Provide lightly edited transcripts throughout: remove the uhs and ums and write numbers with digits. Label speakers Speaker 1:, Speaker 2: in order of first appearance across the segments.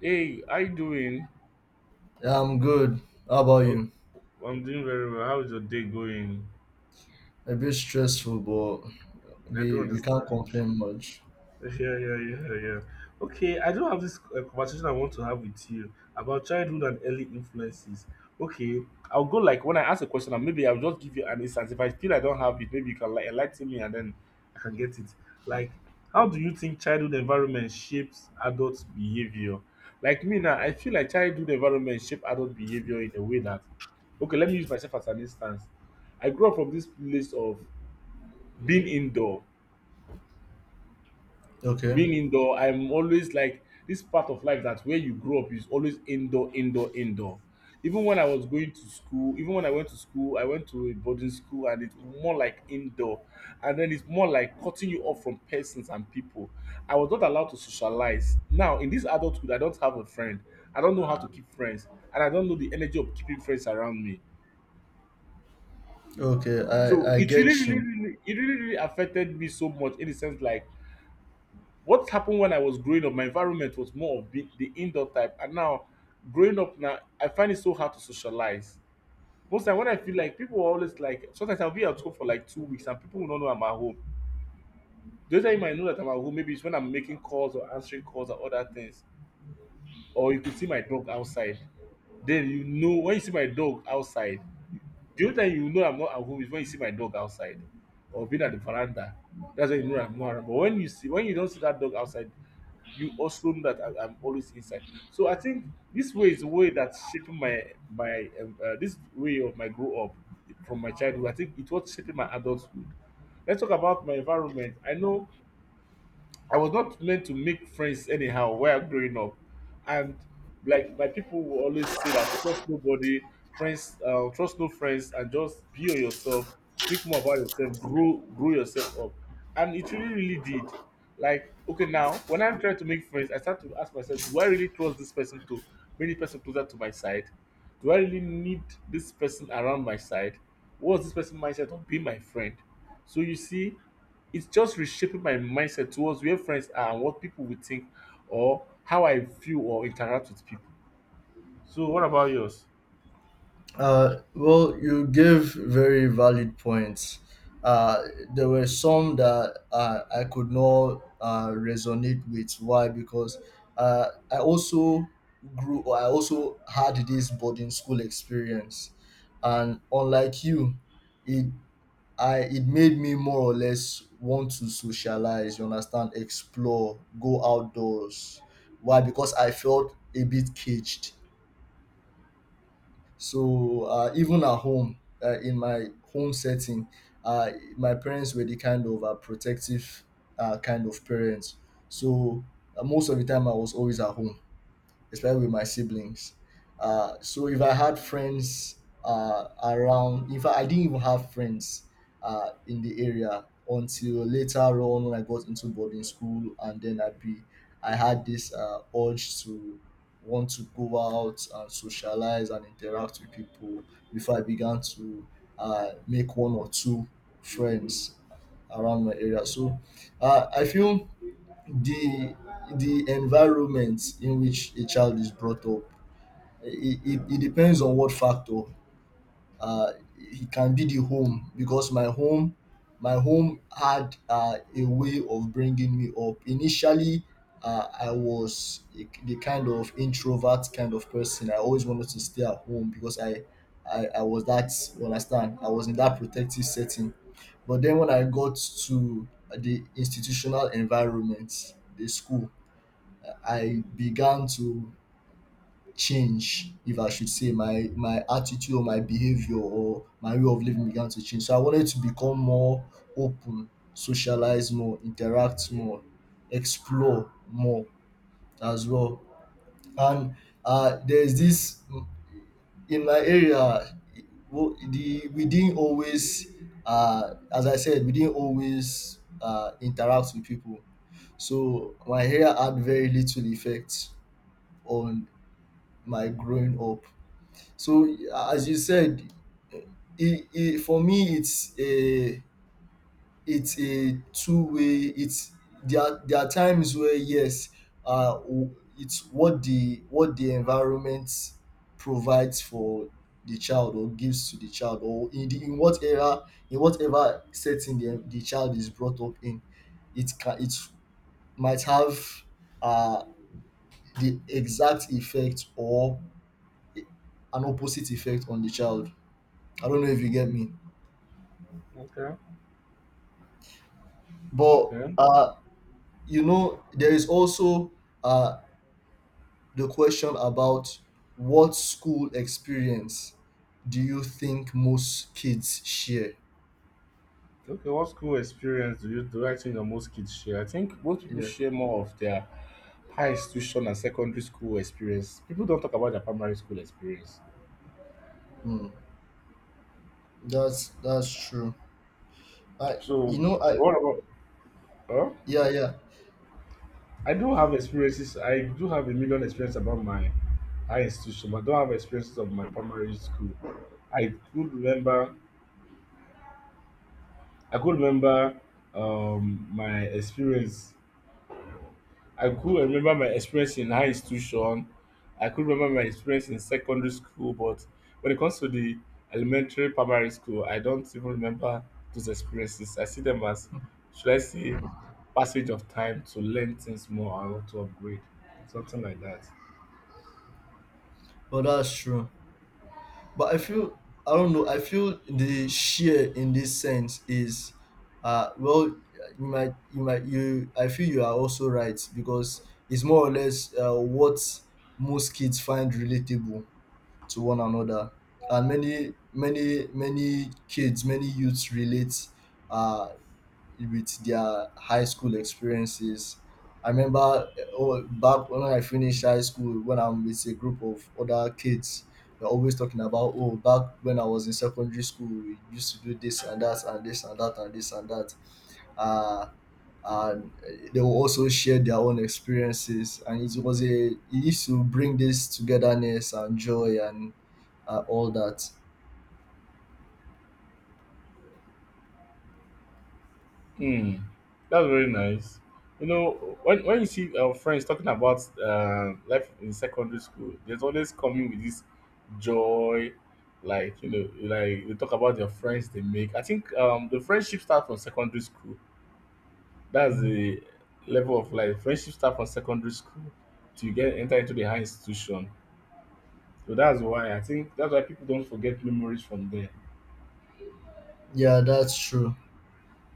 Speaker 1: Hey, how you doing?
Speaker 2: Yeah, I'm good. How about
Speaker 1: Oh,
Speaker 2: you?
Speaker 1: I'm doing very well. How's your day going?
Speaker 2: A bit stressful, but
Speaker 1: I don't
Speaker 2: we can't
Speaker 1: understand.
Speaker 2: complain much.
Speaker 1: Yeah, yeah, yeah, yeah. Okay, I do have this conversation I want to have with you about childhood and early influences. Okay, I'll go like when I ask a question, and maybe I'll just give you an instance. If I feel I don't have it, maybe you can like enlighten me, and then I can get it. Like, how do you think childhood environment shapes adult behavior? Like me now, I feel like childhood environment shape adult behavior in a way that, okay, let me use myself as an instance. I grew up from this place of being indoor
Speaker 2: Okay.
Speaker 1: being indoor, I'm always like this part of life that where you grow up is always indoor, indoor, indoor. Even when I was going to school, even when I went to school, I went to a boarding school and it's more like indoor. And then it's more like cutting you off from persons and people. I was not allowed to socialize. Now, in this adulthood, I don't have a friend. I don't know how to keep friends. And I don't know the energy of keeping friends around me.
Speaker 2: Okay,
Speaker 1: So
Speaker 2: I
Speaker 1: it really,
Speaker 2: get
Speaker 1: really,
Speaker 2: you.
Speaker 1: really, it really, really affected me so much in the sense like what happened when I was growing up, my environment was more of the indoor type, and now growing up now, I find it so hard to socialize. Most time when I feel like people are always like, sometimes I'll be at home for like 2 weeks and people will not know I'm at home. The only time you might know that I'm at home, maybe it's when I'm making calls or answering calls or other things, or you could see my dog outside. Then you know when you see my dog outside, the only time you know I'm not at home is when you see my dog outside or being at the veranda. That's when you know I'm not around. But when you see when you don't see that dog outside, you also know that I'm always inside. So I think this way is a way that's shaping my this way of my grow up from my childhood. I think it was shaping my adulthood. Let's talk about my environment. I know I was not learned to make friends anyhow while growing up, and like my people will always say that trust nobody, friends, trust no friends, and just be on yourself. Think more about yourself, grow, grow yourself up, and it really, really did. Like okay, now when I'm trying to make friends, I start to ask myself, do I really trust this person to bring this person closer to my side? Do I really need this person around my side? What's this person mindset of being my friend? So you see, it's just reshaping my mindset towards where friends are and what people would think or how I feel or interact with people. So what about yours?
Speaker 2: Well, you gave very valid points. Uh, there were some that I could not resonate with. Why? Because I also grew, or I also had this boarding school experience, and unlike you, it I it made me more or less want to socialize, you understand, explore, go outdoors. Why? Because I felt a bit caged. So even at home, in my home setting, uh, my parents were the kind of protective kind of parents. So most of the time, I was always at home especially with my siblings. So if I had friends around, in fact, I didn't even have friends in the area until later on when I got into boarding school, and then I had this urge to want to go out and socialize and interact with people before I began to make one or two friends around my area. So I feel the the environment in which a child is brought up it depends on what factor. Uh, it can be the home because my home had a way of bringing me up initially. I was a, the kind of introvert kind of person. I always wanted to stay at home because I was that, you understand, I was in that protective setting, but then when I got to the institutional environment, the school, I began to change, if I should say. My attitude or my behavior or my way of living began to change. So I wanted to become more open, socialize more, interact more, explore more as well. And there's this in my area. Wo- The We didn't always, as I said, we didn't always interact with people. So my hair had very little effect on my growing up. So as you said, for me it's a two way. It's there are times where yes, it's what the environment provides for the child or gives to the child, or in the, in what era, in whatever setting the child is brought up in, it can, it might have uh the exact effect or an opposite effect on the child. I don't know if you get me.
Speaker 1: Okay.
Speaker 2: But
Speaker 1: Okay.
Speaker 2: you know, there is also uh, the question about what school experience do you think most kids share?
Speaker 1: Okay. What school experience do you do? I think that most kids share. I think most people
Speaker 2: Yeah,
Speaker 1: share more of their high institution and secondary school experience. People don't talk about their primary school experience.
Speaker 2: mm, that's true. I
Speaker 1: So
Speaker 2: you know I
Speaker 1: what about huh?
Speaker 2: Yeah,
Speaker 1: I do have experiences. I do have a million experience about my high institution, but I don't have experiences of my primary school. I could remember I could remember my experience. I could remember my experience in high institution. I could remember my experience in secondary school, but when it comes to the elementary primary school, I don't even remember those experiences. I see them as should I say passage of time to learn things more and to upgrade. Something like that.
Speaker 2: but that's true. But I feel, I don't know, I feel the share in this sense is, well, you. I feel you are also right because it's more or less what most kids find relatable to one another, and many kids, many youths relate uh with their high school experiences. I remember, oh, back when I finished high school, when I'm with a group of other kids, they're always talking about, oh, back when I was in secondary school, we used to do this and that and this and that and this and that. Uh, and they will also share their own experiences. And it used to bring this togetherness and joy and all that.
Speaker 1: Hmm, that's very nice. You know, when you see our friends talking about life in secondary school, there's always coming with this joy, like you know, like they talk about their friends they make. I think the friendship starts from secondary school. That's the level of life. Friendship starts from secondary school to get enter into the high institution. So that's why I think that's why people don't forget memories from there.
Speaker 2: Yeah, that's true.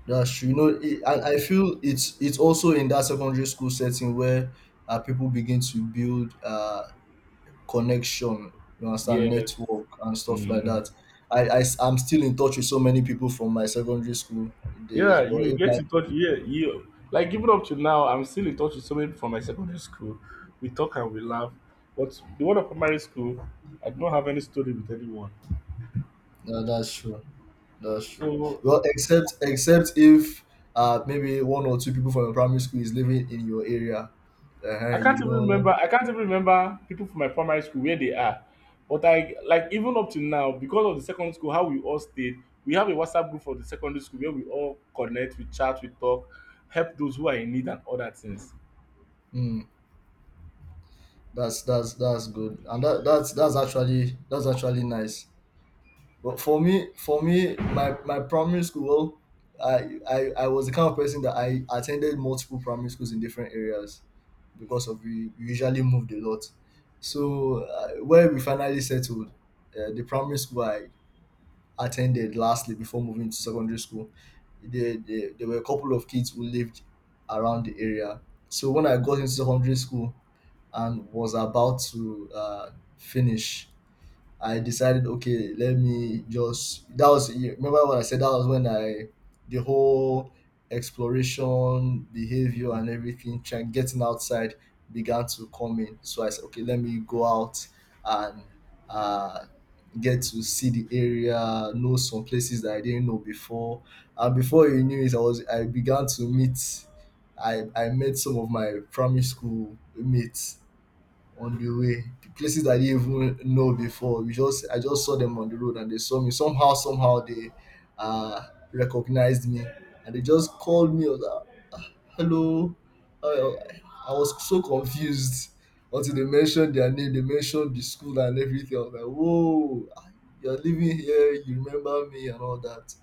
Speaker 2: That's true. You know, I feel it's also in that secondary school setting where people begin to build connection, you understand,
Speaker 1: Yes.
Speaker 2: network and stuff like
Speaker 1: Hmm.
Speaker 2: that. I, I am still in touch with so many people from my secondary school days,
Speaker 1: Yeah,
Speaker 2: but
Speaker 1: you
Speaker 2: if
Speaker 1: get
Speaker 2: I,
Speaker 1: in touch. Yeah, you like even up to now, I'm still in touch with somebody from my secondary school. We talk and we laugh. But the one of primary school, I don't have any story with anyone.
Speaker 2: no, that's true. That's true.
Speaker 1: So
Speaker 2: Well, except if maybe one or two people from your primary school is living in your area,
Speaker 1: I
Speaker 2: you
Speaker 1: can't even
Speaker 2: know,
Speaker 1: remember. I can't even remember people from my primary school where they are. But I like even up to now because of the secondary school, how we all stayed. We have a WhatsApp group for the secondary school where we all connect, we chat, we talk, help those who are in need, and other things.
Speaker 2: mm, that's that's good, and that's actually nice. But for me, my primary school, I was the kind of person that I attended multiple primary schools in different areas because of, we usually moved a lot. So where we finally settled, the primary school I attended lastly before moving to secondary school, there were a couple of kids who lived around the area. So when I got into secondary school and was about to finish, I decided, okay, let me just. That was, you remember what I said. That was when I the whole exploration behavior and everything, trying getting outside, began to come in. So I said, okay, let me go out and uh, get to see the area, know some places that I didn't know before. And before you knew it, I began to meet. I met some of my primary school mates on the way, places that I didn't even know before. We just i just saw them on the road, and they saw me. Somehow they uh recognized me and they just called me. I was like, hello. Uh, I was so confused until they mentioned their name, they mentioned the school and everything. I was like, whoa, ah, you're living here, you remember me, and all that.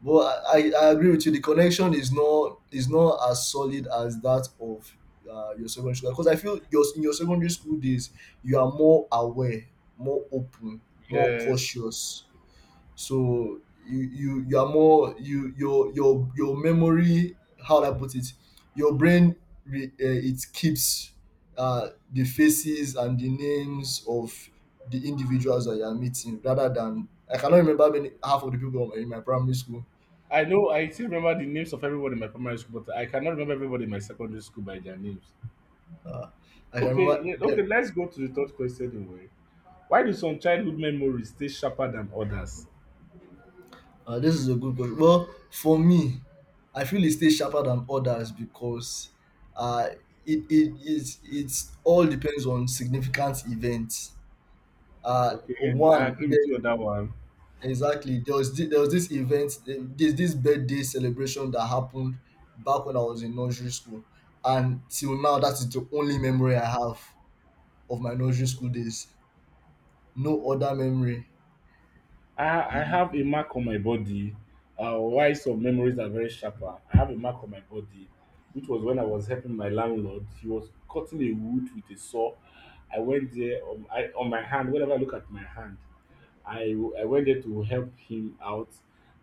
Speaker 2: But I agree with you. The connection is not as solid as that of your secondary school, because I feel your in your secondary school days you are more aware, more open, more
Speaker 1: Yes.
Speaker 2: cautious. So you are more, your memory. How do I put it? Your brain it keeps the faces and the names of the individuals that you are meeting, rather than I cannot remember many half of the people in my primary school.
Speaker 1: I know I still remember the names of everybody in my primary school, but I cannot remember everybody in my secondary school by their names.
Speaker 2: Ah, I can
Speaker 1: Okay,
Speaker 2: remember
Speaker 1: yeah, okay, let's go to the third question anyway. Why do some childhood memories stay sharper than others?
Speaker 2: ah, this is a good question. Well, for me, I feel it stays sharper than others because, uh, it's all depends on significant events. Uh,
Speaker 1: Okay, I
Speaker 2: one,
Speaker 1: agree
Speaker 2: there,
Speaker 1: with you on that one.
Speaker 2: exactly, there was this event, this birthday celebration that happened back when I was in nursery school. And till now, that is the only memory I have of my nursery school days. No other memory.
Speaker 1: I
Speaker 2: Y-
Speaker 1: have a mark on my body. Why some memories are very sharper? I have a mark on my body, which was when I was helping my landlord. He was cutting a wood with a saw. I went there on, I, on my hand. Whenever I look at my hand, I I went there to help him out.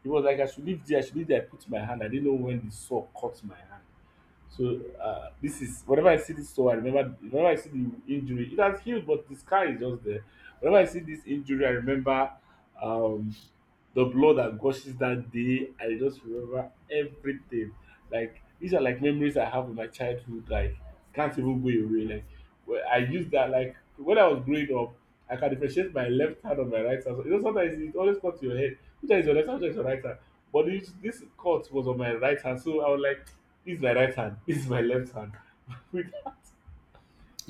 Speaker 1: He was like, I should leave there, I should leave there. I put my hand. I didn't know when the saw cut my hand. So this is whenever I see this saw, I remember whenever I see the injury, it has healed, but the scar is just there. Whenever I see this injury, I remember um the blood that gushes that day, I just remember everything. Like these are like memories I have of my childhood, like can't even go away. Like where I use that like when I was growing up, I can differentiate my left hand and my right hand. So, you know, sometimes it always comes to your head, which hand is your left hand, which hand is your right hand. But this cut was on my right hand, so I was like, this is my right hand, this is my left hand. Which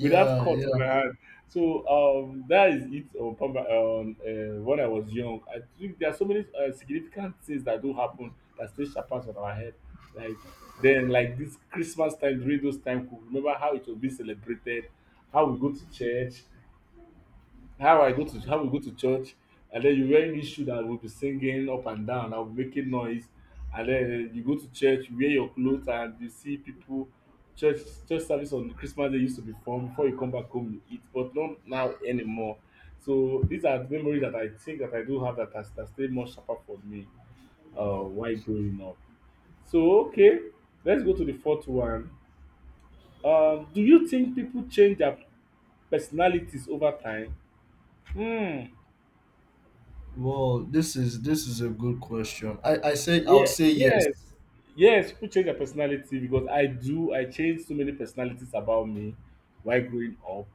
Speaker 1: with that cut of
Speaker 2: yeah.
Speaker 1: my hand. So that is it on, Pamba- on when I was young. I think there are so many significant things that do happen that still sharpens on our head. Like then, like this Christmas time during those time, we remember how it will be celebrated, how we go to church, how I go to how we go to church, and then you wearing this shoe that will be singing up and down, I'll be making noise, and then you go to church, you wear your clothes, and you see people. Church church service on Christmas Day used to be fun. Before you come back home, you eat, but not now anymore. So these are memories that I think that I do have that has that stayed much sharper for me while growing up. So okay, let's go to the fourth one. Do you think people change their personalities over time? Hmm.
Speaker 2: Well, this is a good question. I say I would
Speaker 1: Yeah,
Speaker 2: say yes.
Speaker 1: yes, yes. People change their personality because I do. I changed so many personalities about me while growing up.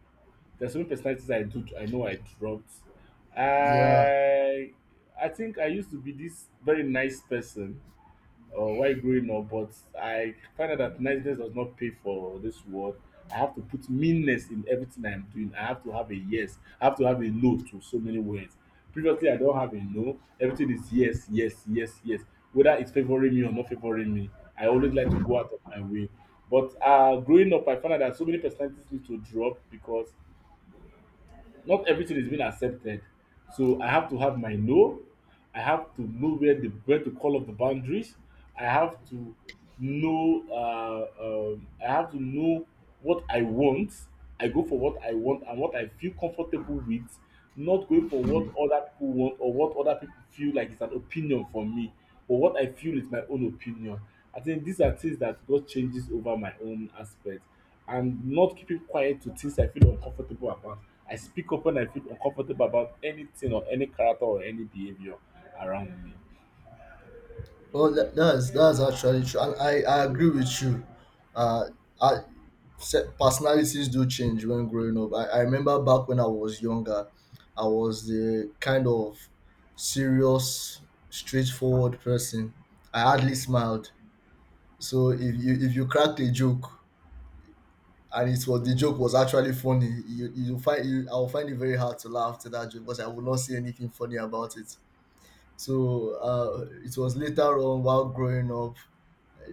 Speaker 1: There's so many personalities I do. I know I dropped.
Speaker 2: Yeah.
Speaker 1: I I think I used to be this very nice person while growing up, but I find out that niceness does not pay for this world. I have to put meanness in everything I'm doing. I have to have a yes. I have to have a no to so many words. Previously, I don't have a no. Everything is yes, yes, yes, yes. Whether it's favoring me or not favoring me, I always like to go out of my way. But growing up, I found out that so many personalities need to drop because not everything is being accepted. So I have to have my no. I have to know where the where to call up the boundaries. I have to know. I have to know what I want. I go for what I want and what I feel comfortable with, not going for what other people want or what other people feel like is an opinion for me, but what I feel is my own opinion. I think these are things that God changes over my own aspect, and not keeping quiet to things I feel uncomfortable about. I speak up when I feel uncomfortable about anything or any character or any behavior around me.
Speaker 2: Well, that's actually true. And I agree with you. Uh, I Personalities do change when growing up. I remember back when I was younger, I was the kind of serious, straightforward person. I hardly smiled. So if you cracked a joke, and it was the joke was actually funny, I'll find it very hard to laugh to that joke because I will not see anything funny about it. So it was later on while growing up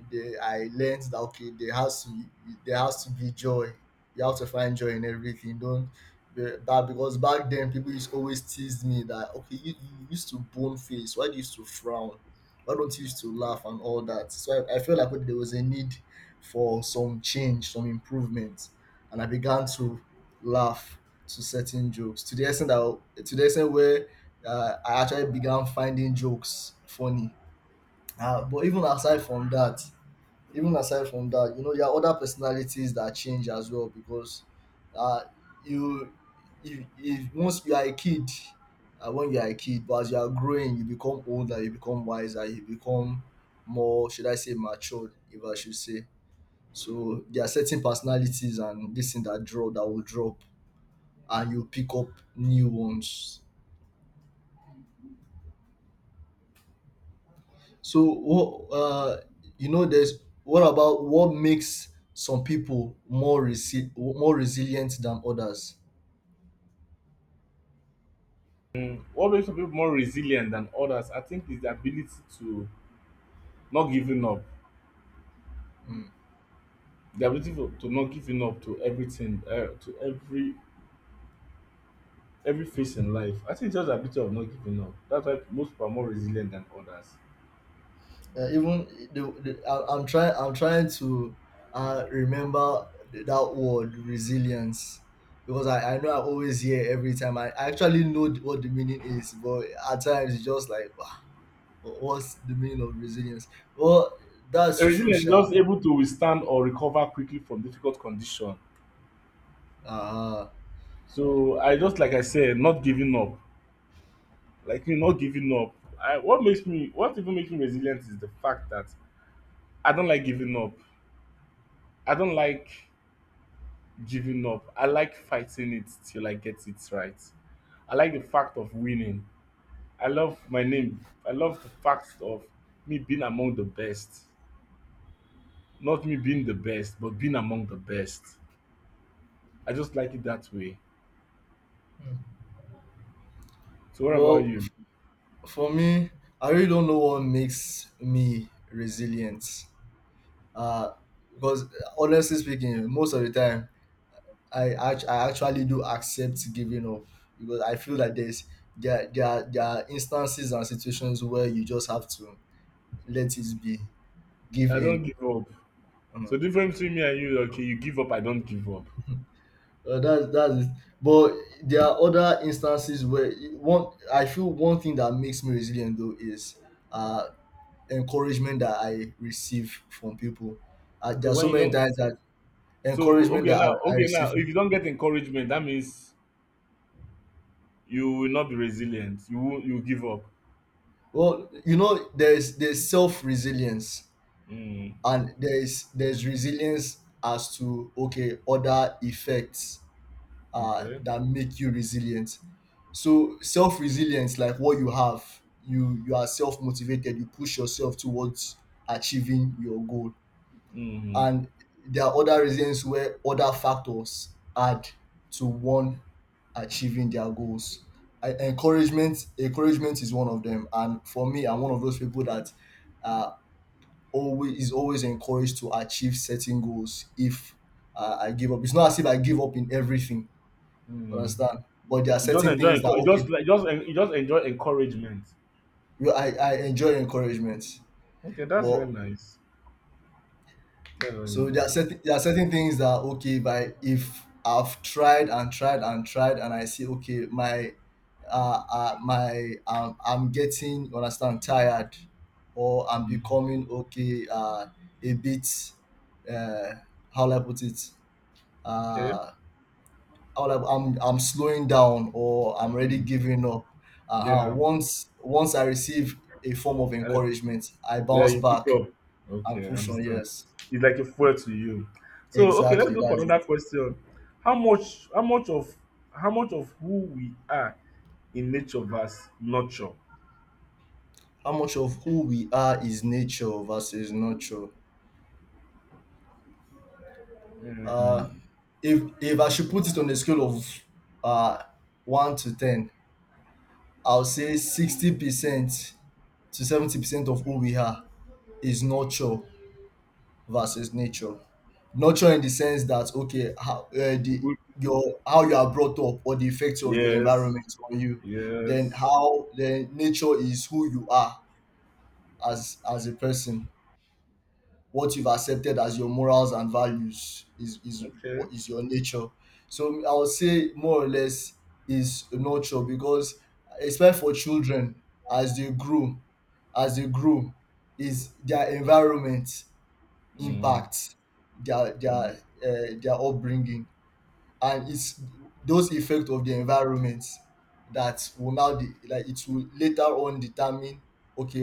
Speaker 2: they I learned that okay, there has to be joy. You have to find joy in everything. Don't be- That, because back then people used always tease me that okay, you used to bone face. Why do you used to frown? Why don't you used to laugh and all that? So I felt like okay, there was a need for some change, some improvement, and I began to laugh to certain jokes, to the extent that to the extent where I actually began finding jokes funny. But even aside from that, you know, there are other personalities that change as well because uh, you, if once you are a kid, when you are a kid, but as you are growing, you become older, you become wiser, you become more, should I say, matured, if I should say. So there are certain personalities and this thing that draw that will drop, and you pick up new ones. So what you know, there's what about what makes some people more more resilient than others?
Speaker 1: Mm, what makes some people more resilient than others, I think, is the ability to not giving up. The ability to not giving up to everything, to every phase in life. I think it's just the ability of not giving up. That's why most people are more resilient than others.
Speaker 2: Even the I, I'm trying to remember that word resilience, because I know I always hear, every time I actually know what the meaning is, but at times it's just like, "Ah, what's the meaning of resilience?" Well, that's true,
Speaker 1: Resilient is
Speaker 2: Sha.
Speaker 1: just able to withstand or recover quickly from difficult condition.
Speaker 2: Uh,
Speaker 1: So I just like I said, not giving up. Like you not giving up. What makes me, what even makes me resilient is the fact that I don't like giving up. I don't like giving up. I like fighting it till I get it right. I like the fact of winning. I love my name. I love the fact of me being among the best. Not me being the best, but being among the best. I just like it that way. So what about
Speaker 2: well,
Speaker 1: you?
Speaker 2: for me, I really don't know what makes me resilient. Uh, because honestly speaking, most of the time, I actually do accept giving up, because I feel that there are instances and situations where you just have to let it be, give
Speaker 1: I don't
Speaker 2: in.
Speaker 1: give up. So
Speaker 2: Mm.
Speaker 1: difference between me and you, okay, you give up, I don't give up.
Speaker 2: That that is, but there are other instances where one I feel one thing that makes me resilient though is uh encouragement that I receive from people.
Speaker 1: So
Speaker 2: There are so
Speaker 1: when you
Speaker 2: many
Speaker 1: don't
Speaker 2: times that
Speaker 1: So
Speaker 2: encouragement
Speaker 1: okay
Speaker 2: that
Speaker 1: now,
Speaker 2: I
Speaker 1: okay
Speaker 2: receive.
Speaker 1: now, if you don't get encouragement, that means you will not be resilient. You will give up.
Speaker 2: Well, there's self resilience
Speaker 1: Mm.
Speaker 2: and there's resilience as to okay other effects
Speaker 1: Okay.
Speaker 2: that make you resilient. So self resilience, like what you have, you are self motivated. You push yourself towards achieving your goal
Speaker 1: Mm-hmm.
Speaker 2: and there are other reasons where other factors add to one achieving their goals. Encouragement is one of them, and for me, I'm one of those people that uh, always is always encouraged to achieve certain goals. If I give up, it's not as if I give up in everything.
Speaker 1: Mm.
Speaker 2: Understand? But there are
Speaker 1: You just
Speaker 2: certain
Speaker 1: enjoy,
Speaker 2: things that
Speaker 1: you
Speaker 2: okay,
Speaker 1: just like you just enjoy encouragement.
Speaker 2: I enjoy encouragement,
Speaker 1: Okay, that's
Speaker 2: but
Speaker 1: very nice. That's very
Speaker 2: so there are
Speaker 1: nice.
Speaker 2: certain things that okay, if I've tried and tried and tried and I see okay, my I'm getting you understand tired, or I'm
Speaker 1: Mm.
Speaker 2: becoming okay a bit uh how will I put it
Speaker 1: Okay.
Speaker 2: uh how will I, I'm slowing down or I'm already
Speaker 1: Mm.
Speaker 2: giving up. Uh,
Speaker 1: Yeah.
Speaker 2: once once I receive a form of
Speaker 1: And,
Speaker 2: encouragement, I
Speaker 1: yeah,
Speaker 2: bounce
Speaker 1: you pick
Speaker 2: back
Speaker 1: up.
Speaker 2: and
Speaker 1: Okay, I
Speaker 2: push on.
Speaker 1: understand.
Speaker 2: Yes,
Speaker 1: It's like a fuel to you. So okay, let's
Speaker 2: exactly.
Speaker 1: go for
Speaker 2: That's
Speaker 1: another
Speaker 2: it.
Speaker 1: question. How much? How much of? How much of who we are in nature versus nurture.
Speaker 2: How much of who we are is nature versus nurture. Uh,
Speaker 1: Mm.
Speaker 2: if I should put it on a scale of uh, 1 to 10, I'll say 60% to 70% of who we are is nurture versus nature. Nurture in the sense that okay, how
Speaker 1: We-
Speaker 2: the
Speaker 1: we-
Speaker 2: your how you are brought up or the effects of your
Speaker 1: Yes,
Speaker 2: environment on you, then
Speaker 1: yes,
Speaker 2: how then nature is who you are as a person. What you've accepted as your morals and values is
Speaker 1: okay.
Speaker 2: what is your nature. So I would say more or less is nurture because especially for children as they grow as they grow is their environment
Speaker 1: Mm.
Speaker 2: impacts their
Speaker 1: Mm.
Speaker 2: their their upbringing, and it's those effects of the environment that will now like it will later on determine okay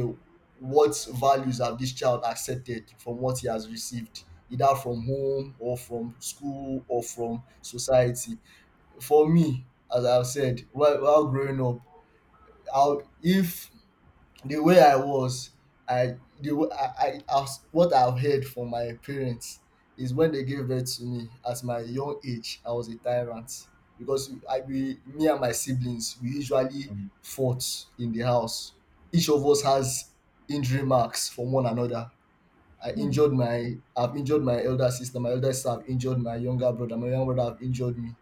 Speaker 2: what values have this child accepted from what he has received, either from home or from school or from society. For me, as I've said, while growing up, I'll, if the way I was, I the w- I, I as what I've heard from my parents is when they gave birth to me at my young age, I was a tyrant, because we- I we me and my siblings we usually
Speaker 1: Mm.
Speaker 2: fought in the house. Each of us has injury marks from one another. I've injured my elder sister have injured my younger brother have injured me.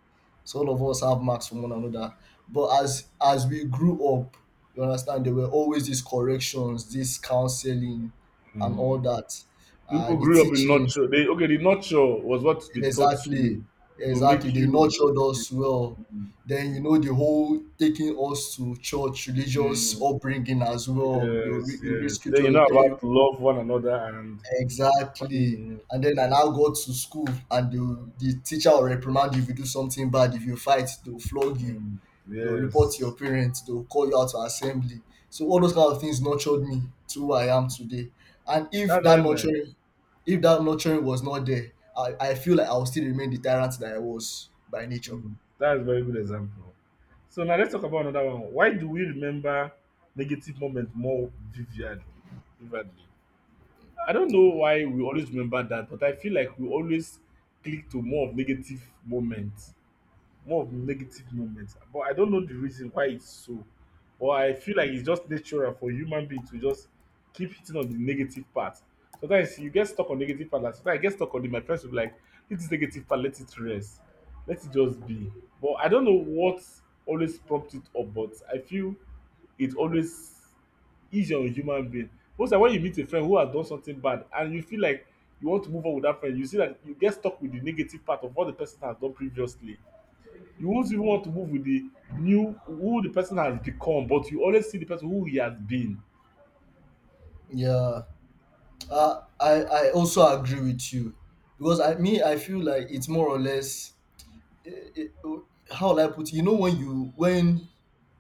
Speaker 2: So all of us have marks from one another. But as we grew up, you understand there were always these corrections, this counseling and all
Speaker 1: Mm.
Speaker 2: that.
Speaker 1: People
Speaker 2: The
Speaker 1: grew up in
Speaker 2: teachings.
Speaker 1: nurture. They okay, the nurture was what they taught
Speaker 2: Exactly,
Speaker 1: you to
Speaker 2: exactly,
Speaker 1: make
Speaker 2: they
Speaker 1: you.
Speaker 2: nurtured
Speaker 1: Okay.
Speaker 2: us well.
Speaker 1: Mm,
Speaker 2: Then the whole taking us to church, religious
Speaker 1: mm,
Speaker 2: upbringing as well. They will
Speaker 1: yes,
Speaker 2: read, you read
Speaker 1: yes. Then
Speaker 2: scripture,
Speaker 1: you
Speaker 2: they'll
Speaker 1: know
Speaker 2: tell you.
Speaker 1: about love one another and.
Speaker 2: Exactly.
Speaker 1: Mm,
Speaker 2: And then I now go to school, and the teacher will reprimand you if you do something bad. If you fight, they'll flog you.
Speaker 1: mm,
Speaker 2: They'll report to your
Speaker 1: yes,
Speaker 2: parents. They'll call you out to assembly. So all those kind of things nurtured me to who I am today. And
Speaker 1: that's very nice.
Speaker 2: if that nurturing was not there, I feel like I would still remain the tyrant that I was by nature.
Speaker 1: Mm, that's a very good example. So now let's talk about another one. Why do we remember negative moments more vividly? Vividly? I don't know why we always remember that, but I feel like we always click to more of negative moments more of negative moments. But I don't know the reason why it's so. But I feel like it's just natural for human being to just keep hitting on the negative part. Sometimes you get stuck on negative part. Like sometimes I get stuck on it. My friends will be like, "Hit this is negative part, let it rest, let it just be." But I don't know what always prompt it up. But I feel it always easier on human being. Most like when you meet a friend who has done something bad and you feel like you want to move on with that friend, you see that you get stuck with the negative part of what the person has done previously. You won't even want to move with the new who the person has become, but you always see the person who he has been.
Speaker 2: Yeah, I also agree with you, because I feel like it's more or less it, it- how will I put it? You know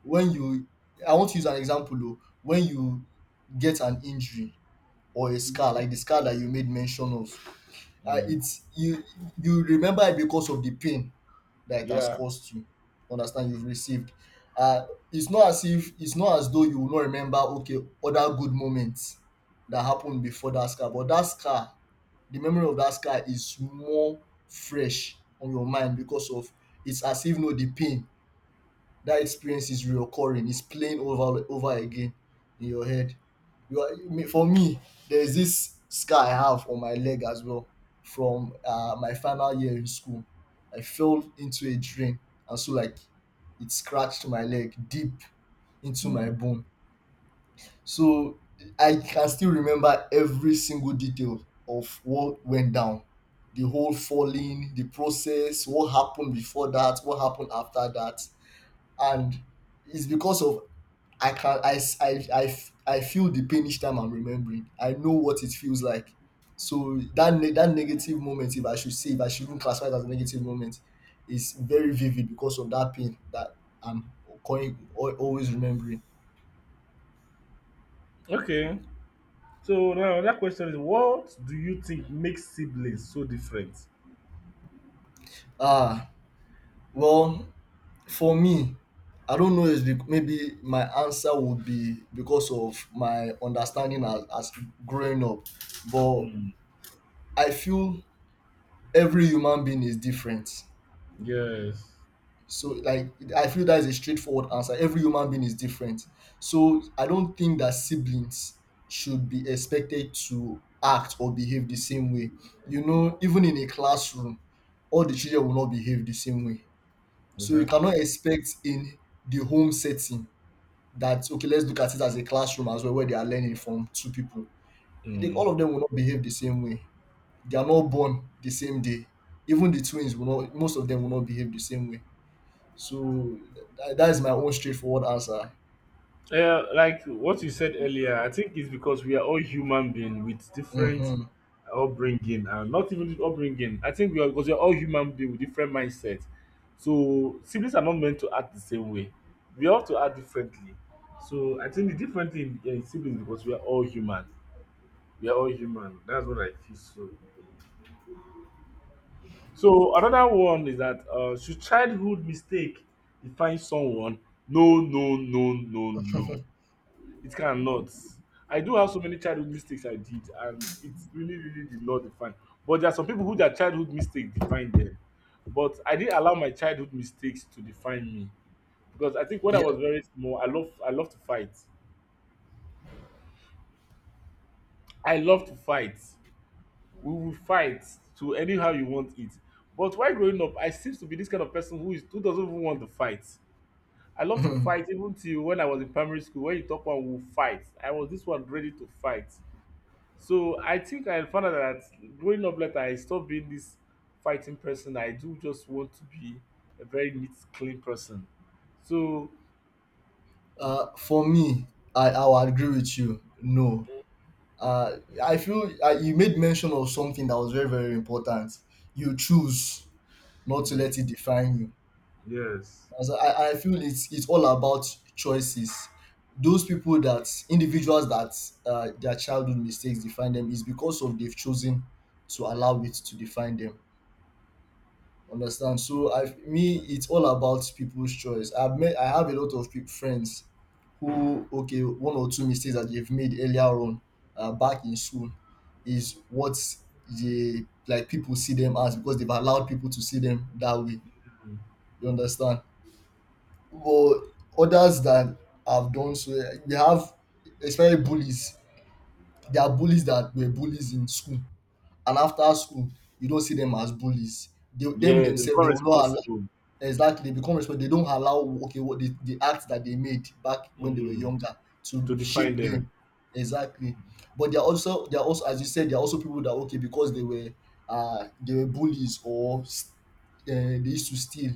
Speaker 2: when you I want to use an example though. When you get an injury or a scar, like the scar that you made mention of,
Speaker 1: Mm.
Speaker 2: it's you you remember it because of the pain that it has
Speaker 1: Yeah.
Speaker 2: cost you. Understand? You've received. uh it's not as though you will not remember okay other good moments that happened before that scar. But that scar, the memory of that scar is more fresh on your mind because of, it's as if, no, the pain, that experience is reoccurring. It's playing over again in your head. For me, there's this scar I have on my leg as well, from my final year in school. I fell into a drain, and so like it scratched my leg deep into my
Speaker 1: Hmm.
Speaker 2: bone. So I can still remember every single detail of what went down, the whole falling, the process, what happened before that, what happened after that. And it's because of, I can I s- I f- I feel the pain each time I'm remembering. I know what it feels like. So that that negative moment, if I should even classify it as a negative moment, is very vivid because of that pain that I'm always remembering.
Speaker 1: Okay. So now that question is what do you think makes siblings so different?
Speaker 2: Ah, well, for me, I don't know. Is maybe my answer would be because of my understanding as, growing up, but
Speaker 1: Mm.
Speaker 2: I feel every human being is different.
Speaker 1: Yes,
Speaker 2: So like I feel that is a straightforward answer. Every human being is different. So I don't think that siblings should be expected to act or behave the same way. Even in a classroom, all the children will not behave the same way. So you
Speaker 1: exactly.
Speaker 2: cannot expect in the home setting that okay, let's look at it as a classroom as well, where they are learning from two people. Like
Speaker 1: Mm.
Speaker 2: all of them will not behave the same way. They are not born the same day. Even the twins will not. Most of them will not behave the same way. So that is my own straightforward answer.
Speaker 1: Yeah, like what you said earlier, I think it's because we are all human beings with different
Speaker 2: Hmm.
Speaker 1: upbringing and not even upbringing. I think we are because we are all human beings with different mindsets. So siblings are not meant to act the same way. We have to act differently. So I think the different thing in siblings because we are all human. We are all human. That's what I feel so. So another one is that should childhood mistake define someone? No, no, no, no, no. It cannot. I do have so many childhood mistakes I did, and it's really, really did not define. But there are some people who their childhood mistake define them. But I didn't allow my childhood mistakes to define me because I think when I
Speaker 2: Yeah.
Speaker 1: was very small, I love to fight. I love to fight. We will fight to anyhow you want it. But while growing up, I seems to be this kind of person who is who doesn't even want to fight. I love to fight even till when I was in primary school. When you talk one, we'll fight. I was this one ready to fight. So I think I found out that growing up later, I stopped being this fighting person. I do just want to be a very neat, clean person. So
Speaker 2: For me, I will agree with you. No. I feel you made mention of something that was very very important. You choose not to
Speaker 1: mm,
Speaker 2: let it define you.
Speaker 1: yes,
Speaker 2: As I feel it's all about choices. Those people that individuals that their childhood mistakes define them, is because of they've chosen to allow it to define them. Understand? So I me it's all about people's choice. I have a lot of peop friends who okay one or two mistakes that they've made earlier on, back in school, is what the like people see them as, because they've allowed people to see them that way.
Speaker 1: mm,
Speaker 2: You understand? But others that have done so, we have, especially bullies. There are bullies that were bullies in school, and after school, you don't see them as bullies. They, them
Speaker 1: yes, they
Speaker 2: themselves,
Speaker 1: become
Speaker 2: they will not.
Speaker 1: responsible
Speaker 2: Exactly, they become responsible. They don't allow okay what the act that they made back when they were
Speaker 1: mm,
Speaker 2: younger to
Speaker 1: to define
Speaker 2: shape
Speaker 1: them.
Speaker 2: them. Exactly. But they're also as you said, they're also people that okay, because they were bullies or they used to steal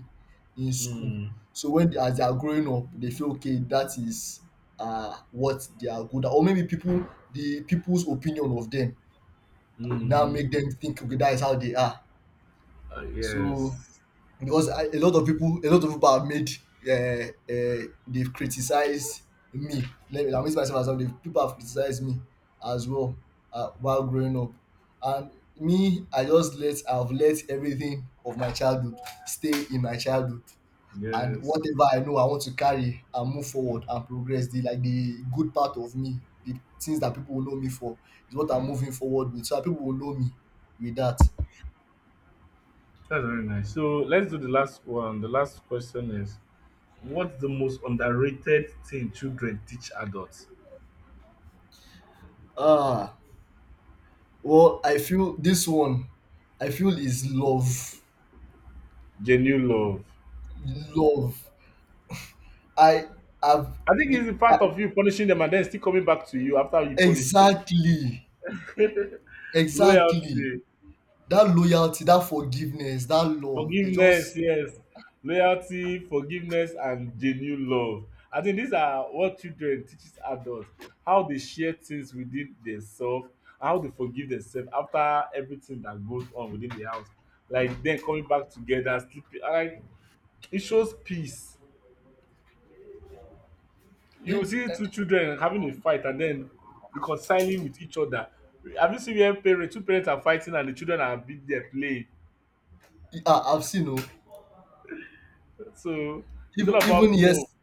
Speaker 2: in school.
Speaker 1: Mm,
Speaker 2: So when as they are growing up, they feel okay that is what they are good at, or maybe people the people's opinion of them now
Speaker 1: mm-hmm.
Speaker 2: make them think okay that is how they are.
Speaker 1: Uh,
Speaker 2: So
Speaker 1: yes,
Speaker 2: because a lot of people have made, they've criticized me. Let me, I'm using myself as well, people have criticized me as well, while growing up. And me, I've let everything of my childhood stay in my childhood, and
Speaker 1: yes,
Speaker 2: whatever I know I want to carry and move forward and progress, the like the good part of me, the things that people will know me for, is what I'm moving forward with so that people will know me with that.
Speaker 1: that's very nice. So let's do the last one. The last question is: what's the most underrated thing children teach adults?
Speaker 2: Ah, well, I feel this one, I feel, is love,
Speaker 1: Genuine love.
Speaker 2: love. I have.
Speaker 1: I think
Speaker 2: the-
Speaker 1: it's the
Speaker 2: I-
Speaker 1: part of you punishing them and then still coming back to you after you punish them.
Speaker 2: exactly, exactly.
Speaker 1: Loyalty,
Speaker 2: That loyalty, that forgiveness, that love. They
Speaker 1: forgiveness,
Speaker 2: just,
Speaker 1: yes. Loyalty, forgiveness, and genuine love. I think these are what children teaches adults how they share things within themselves, how they forgive themselves after everything that goes on within the house. Like then coming back together, sleeping. Like it shows peace you see two
Speaker 2: it,
Speaker 1: children having a fight and then reconciling with each other. Have you seen where parents, two parents are fighting and the children are being there playing?
Speaker 2: I've seen, oh,
Speaker 1: So it's all
Speaker 2: even,
Speaker 1: about love.
Speaker 2: yes.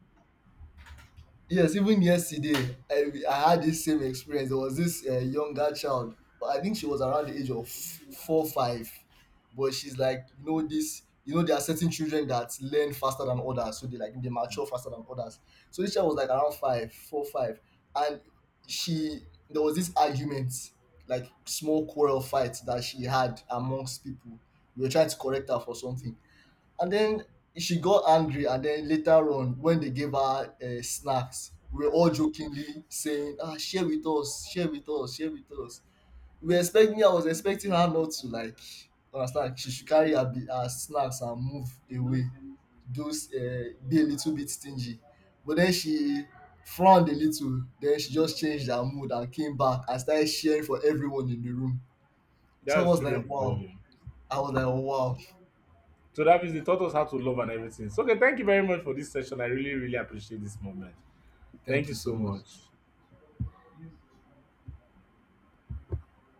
Speaker 2: Yes, even yesterday, I had this same experience. There was this younger child, but I think she was around the age of four, five. But she's like, there are certain children that learn faster than others, so they mature faster than others. So this child was like around five, four, five, and she there was this argument, like small quarrel fight that she had amongst people. We were trying to correct her for something, and then she got angry, and then later on, when they gave her snacks, we were all jokingly saying, "Ah, share with us, share with us, share with us." We expect me. I was expecting her not to, like, understand. She should carry her, her snacks and move away. Those be a little bit stingy, but then she frowned a little. Then she just changed her mood and came back and started sharing for everyone in the room. So I
Speaker 1: That's
Speaker 2: was like,
Speaker 1: children for
Speaker 2: "Wow!"
Speaker 1: you.
Speaker 2: I was like, "Wow!"
Speaker 1: So that means they taught us how to love and everything. So okay, thank you very much for this session. I really, really appreciate this moment. Thank
Speaker 2: Thank
Speaker 1: you
Speaker 2: you so
Speaker 1: so
Speaker 2: much.
Speaker 1: much.